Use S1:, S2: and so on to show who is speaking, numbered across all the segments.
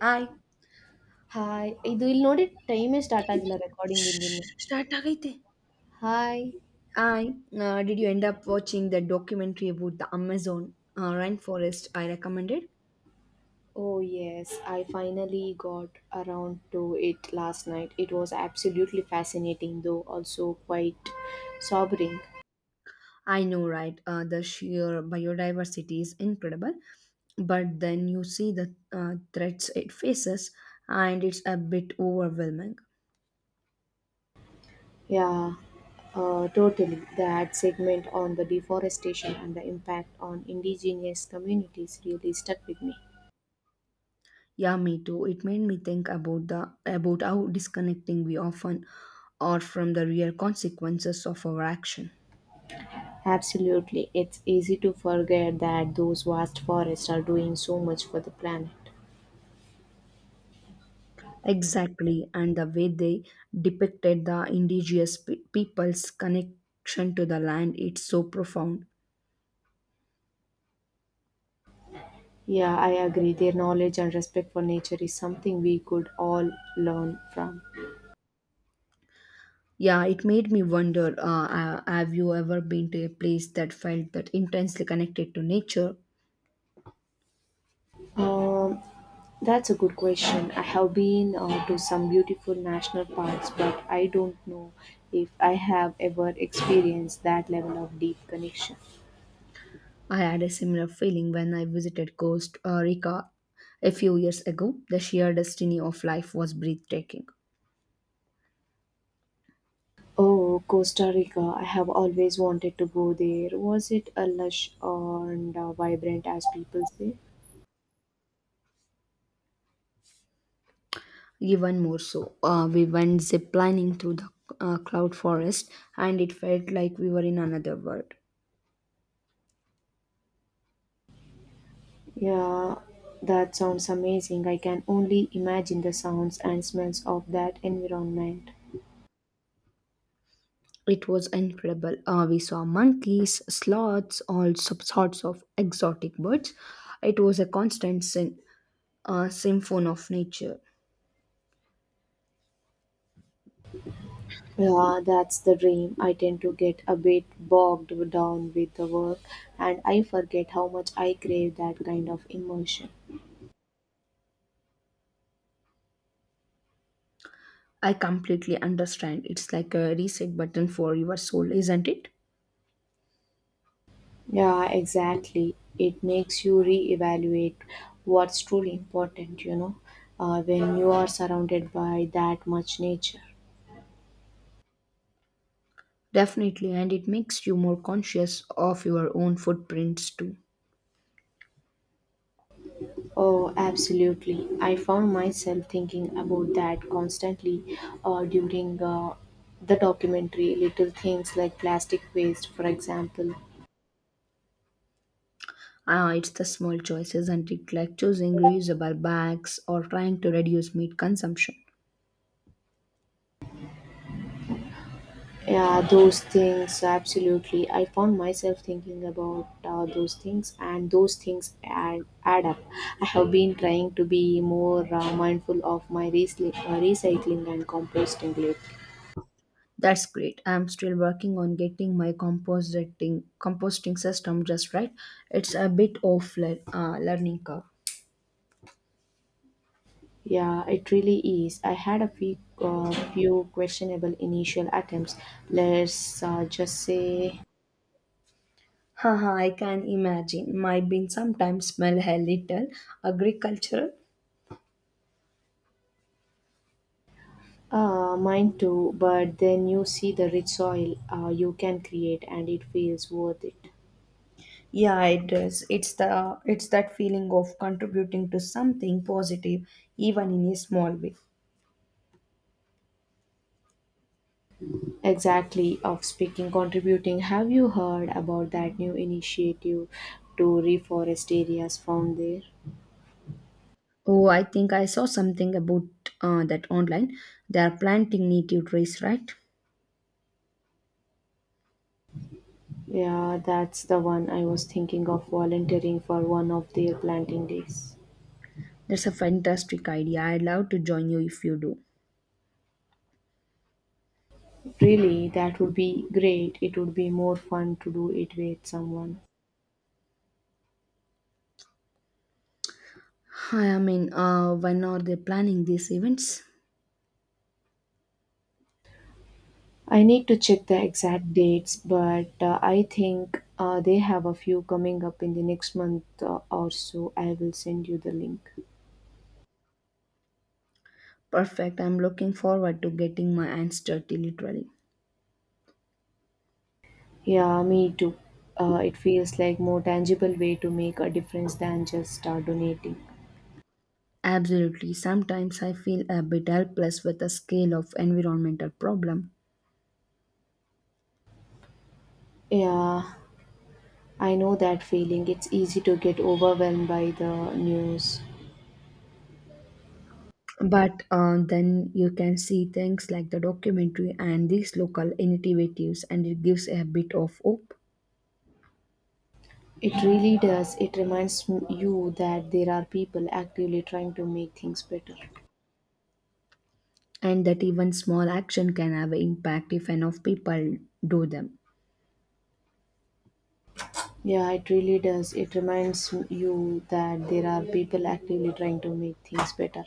S1: I
S2: hi! ಇದು ಇಲ್ಲಿ ನೋಡಿ ಟೈಮೇ ಸ್ಟಾರ್ಟ್ ಆಗಿಲ್ಲ ರೆಕಾರ್ಡಿಂಗ್ ಇಂದಿನ್ನು.
S1: ಸ್ಟಾರ್ಟ್ ಆಗೈತೆ
S2: hi!
S1: I did you end up watching the documentary about the Amazon rainforest I recommended?
S2: Oh yes, I finally got around to it last night. It was absolutely fascinating, though also quite sobering.
S1: I know, right? The sheer biodiversity is incredible, but then you see the threats it faces, and it's a bit overwhelming.
S2: Yeah, totally. That segment on the deforestation and the impact on indigenous communities really stuck with me.
S1: Yeah, me too. It made me think about the about how disconnecting we often are from the real consequences of our action.
S2: Absolutely, it's easy to forget that those vast forests are doing so much for the planet.
S1: Exactly, and the way they depicted the indigenous people's connection to the land, it's so profound.
S2: Yeah, I agree. Their knowledge and respect for nature is something we could all learn from.
S1: Yeah, it made me wonder have you ever been to a place that felt that intensely connected to nature?
S2: Um, that's a good question. I have been to some beautiful national parks, but I don't know if I have ever experienced that level of deep connection.
S1: I had a similar feeling when I visited Costa Rica a few years ago. The sheer destiny of life was breathtaking.
S2: Oh, Costa Rica. I have always wanted to go there. Was it a lush and vibrant as people say?
S1: Even more so, we went ziplining through the cloud forest and it felt like we were in another world.
S2: Yeah, that sounds amazing. I can only imagine the sounds and smells of that environment.
S1: It was incredible. We saw monkeys, sloths, all sorts of exotic birds. It was a constant symphony of nature.
S2: Yeah, that's the dream. I tend to get a bit bogged down with the work and I forget how much I crave that kind of immersion.
S1: I completely understand. It's like a reset button for your soul, isn't it?
S2: Yeah, exactly. It makes you reevaluate what's truly important, when you are surrounded by that much nature.
S1: Definitely, and it makes you more conscious of your own footprints too.
S2: Oh, absolutely. I found myself thinking about that constantly during the documentary. Little things like plastic waste, for example.
S1: Ah, it's the small choices, isn't it? Like choosing reusable bags or trying to reduce meat consumption.
S2: Yeah, those things, absolutely. I found myself thinking about those things, and those things add up. I have been trying to be more mindful of my recycling and composting lately.
S1: That's great. I'm still working on getting my composting system just right. It's a bit of learning curve.
S2: Yeah, it really is. I had a few questionable initial attempts. Let's just say
S1: Haha, I can imagine. My beans sometimes smell a little agricultural.
S2: mine too, but then you see the rich soil you can create, and it feels worth it.
S1: Yeah, it does. It's that feeling of contributing to something positive, even in a small way.
S2: Exactly, of speaking, contributing. Have you heard about that new initiative to reforest areas found there?
S1: Oh, I think I saw something about that online. They are planting native trees, right?
S2: Yeah, that's the one I was thinking of volunteering for one of their planting days.
S1: That's a fantastic idea. I'd love to join you if you do.
S2: Really, that would be great. It would be more fun to do it with someone.
S1: Hi, I mean, when are they planning these events?
S2: I need to check the exact dates, but I think they have a few coming up in the next month or so. I will send you the link.
S1: Perfect. I'm looking forward to getting my hands dirty, literally.
S2: Yeah, me too. It feels like more tangible way to make a difference than just donating.
S1: Absolutely. Sometimes I feel a bit helpless with the scale of environmental problem.
S2: Yeah, I know that feeling. It's easy to get overwhelmed by the news.
S1: But then you can see things like the documentary and these local initiatives, and it gives a bit of hope,
S2: It really does. It reminds you that there are people actively trying to make things better.
S1: and that even small action can have an impact if enough people do them.
S2: Yeah, it really does. It reminds you that there are people actively trying to make things better.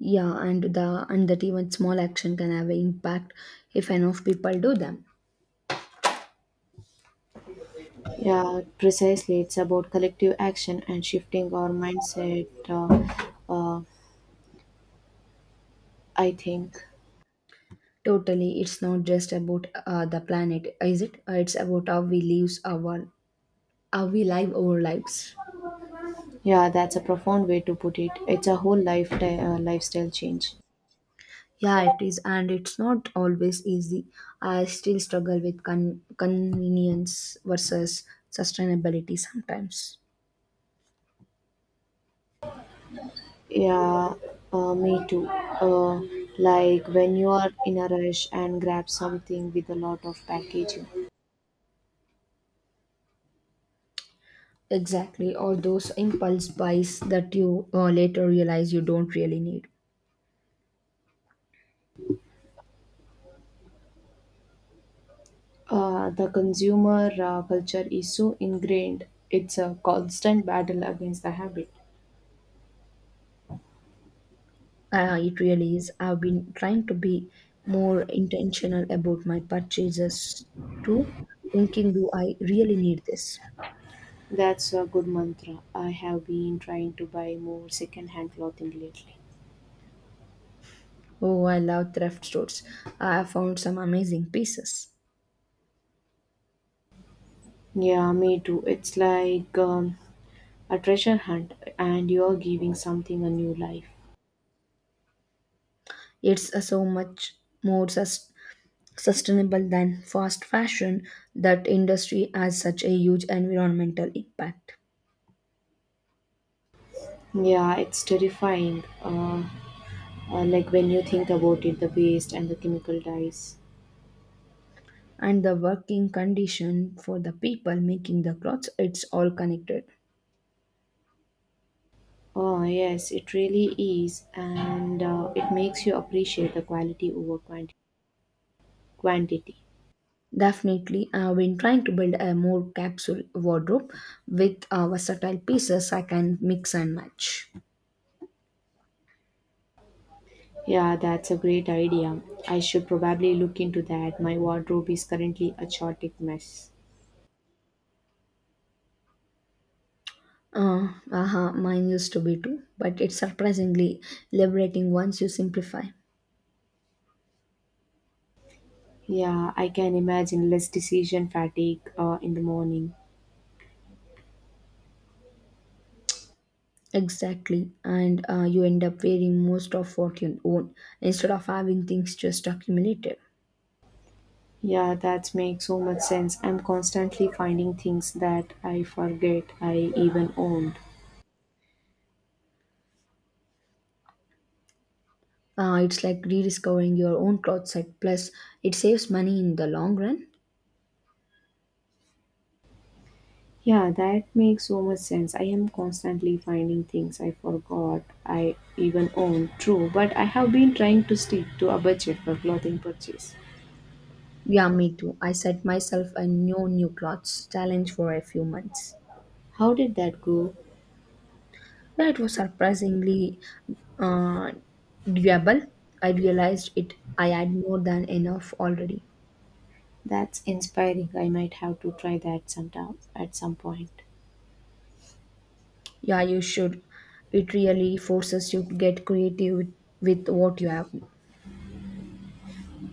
S1: Yeah, and the and that even small action can have an impact if enough people do them.
S2: Yeah, precisely. It's about collective action and shifting our mindset, uh, I think.
S1: Totally, it's not just about the planet, is it? It's about how we live our lives.
S2: Yeah, that's a profound way to put it. It's a whole lifetime lifestyle change.
S1: Yeah, it is, and it's not always easy. I still struggle with convenience versus sustainability sometimes.
S2: Yeah, me too. Like when you are in a rush and grab something with a lot of packaging.
S1: Exactly, or those impulse buys that you later realize you don't really need.
S2: The consumer culture is so ingrained. It's a constant battle against the habit.
S1: It really is. I've been trying to be more intentional about my purchases too, thinking, do I really need this?
S2: That's a good mantra. I have been trying to buy more second-hand clothing lately.
S1: Oh, I love thrift stores. I have found some amazing pieces.
S2: Yeah, me too. It's like a treasure hunt, and you're giving something a new life.
S1: It's so much more sustainable than fast fashion. That industry has such a huge environmental impact.
S2: Yeah, it's terrifying. Like when you think about it, the waste and the chemical dyes.
S1: And the working condition for the people making the clothes, it's all connected.
S2: Oh, yes, it really is. And it makes you appreciate the quality over quantity.
S1: Definitely, I've been trying to build a more capsule wardrobe with versatile pieces I can mix and match.
S2: Yeah, that's a great idea. I should probably look into that. My wardrobe is currently a chaotic mess.
S1: Aha, mine used to be too, but it's surprisingly liberating once you simplify.
S2: Yeah, I can imagine less decision fatigue in the morning.
S1: Exactly, and you end up wearing most of what you own instead of having things just accumulated.
S2: Yeah, that makes so much sense. I'm constantly finding things that I forget I even owned.
S1: It's like rediscovering your own cloth set, plus, it saves money in the long run.
S2: Yeah, that makes so much sense. I am constantly finding things I forgot I even own. True, but I have been trying to stick to a budget for clothing purchase.
S1: Yeah, me too. I set myself a no new clothes challenge for a few months.
S2: How did that go?
S1: Yeah, it was surprisingly uh, doable. I realized it. I had more than enough already.
S2: That's inspiring. I might have to try that sometime at some point.
S1: Yeah, you should. It really forces you to get creative with what you have.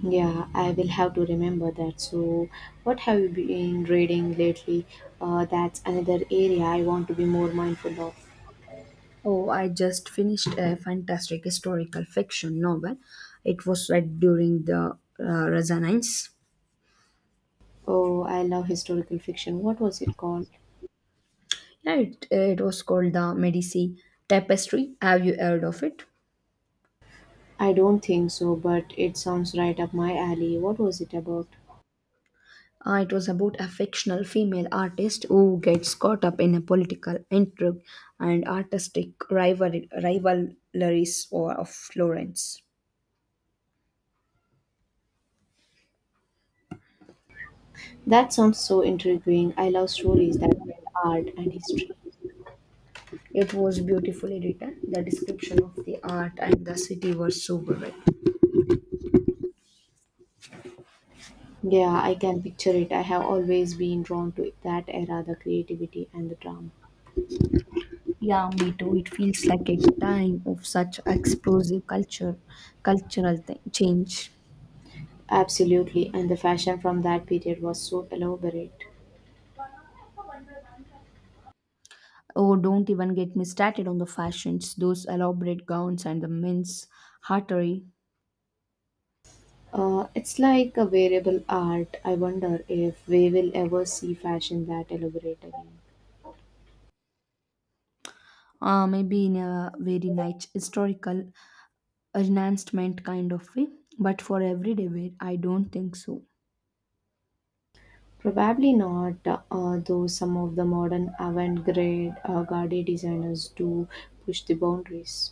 S2: Yeah, I will have to remember that. So, what have you been reading lately? That's another area I want to be more mindful of.
S1: Oh, I just finished a fantastic historical fiction novel. It was read during the Renaissance.
S2: Oh, I love historical fiction. What was it called?
S1: Yeah, it was called the Medici Tapestry. Have you heard of it?
S2: I don't think so, but it sounds right up my alley. What was it about?
S1: It was about a fictional female artist who gets caught up in a political intrigue and artistic rivalries of Florence.
S2: That sounds so intriguing. I love stories that tell art and history.
S1: It was beautifully written. The description of the art and the city were sobering.
S2: Yeah, I can picture it. I have always been drawn to that era, the creativity and the drama.
S1: Yeah, me too. It feels like a time of such explosive culture, cultural change.
S2: Absolutely, and the fashion from that period was so elaborate.
S1: Oh, don't even get me started on the fashions, those elaborate gowns and the men's hottery.
S2: It's like a variable art. I wonder if we will ever see fashion that elaborate again.
S1: Maybe in a very nice historical enhancement kind of way, but for everyday wear, I don't think so.
S2: Probably not, though some of the modern avant-garde garde designers do push the boundaries.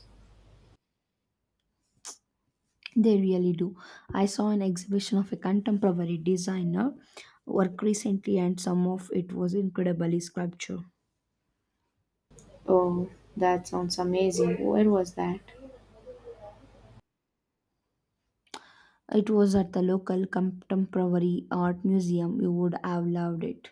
S1: They really do. I saw an exhibition of a contemporary designer work recently, and some of it was incredibly sculpture.
S2: Oh, that sounds amazing. Where was that?
S1: It was at the local contemporary art museum. You would have loved it.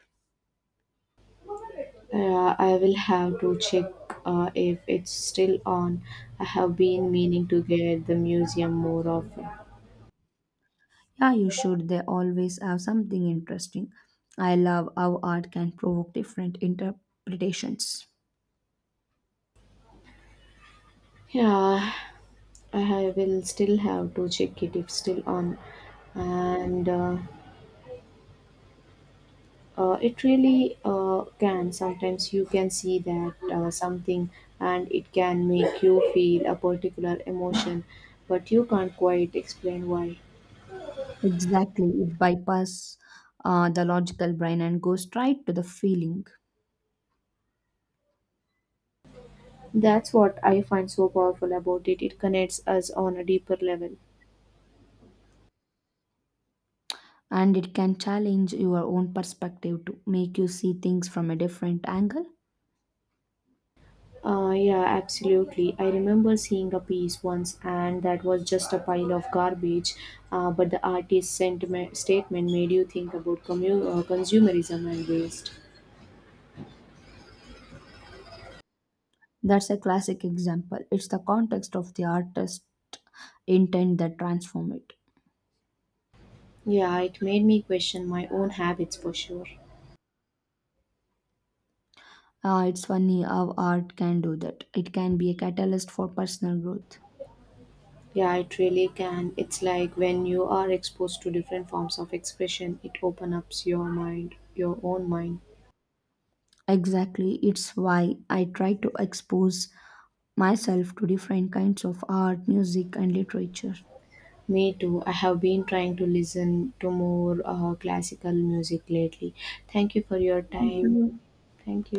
S2: I will have to check if it's still on. I have been meaning to get the museum more often.
S1: Yeah, you should. They always have something interesting. I love how art can provoke different interpretations.
S2: Yeah, I will still have to check it if still on. And It really can, sometimes you can see that something and it can make you feel a particular emotion but you can't quite explain why.
S1: Exactly. It bypasses the logical brain and goes straight to the feeling.
S2: That's what I find so powerful about it. It connects us on a deeper level.
S1: And it can challenge your own perspective to make you see things from a different angle.
S2: Yeah, absolutely. I remember seeing a piece once, and that was just a pile of garbage. But the artist's sentiment, statement made you think about consumerism and waste.
S1: That's a classic example. It's the context of the artist's intent that transform it.
S2: Yeah, it made me question my own habits for sure.
S1: Ah, it's funny how art can do that. It can be a catalyst for personal growth.
S2: Yeah, it really can. It's like when you are exposed to different forms of expression, it opens up your own mind.
S1: Exactly, it's why I try to expose myself to different kinds of art, music, and literature.
S2: Me too. I have been trying to listen to more classical music lately. Thank you for your time. Thank you.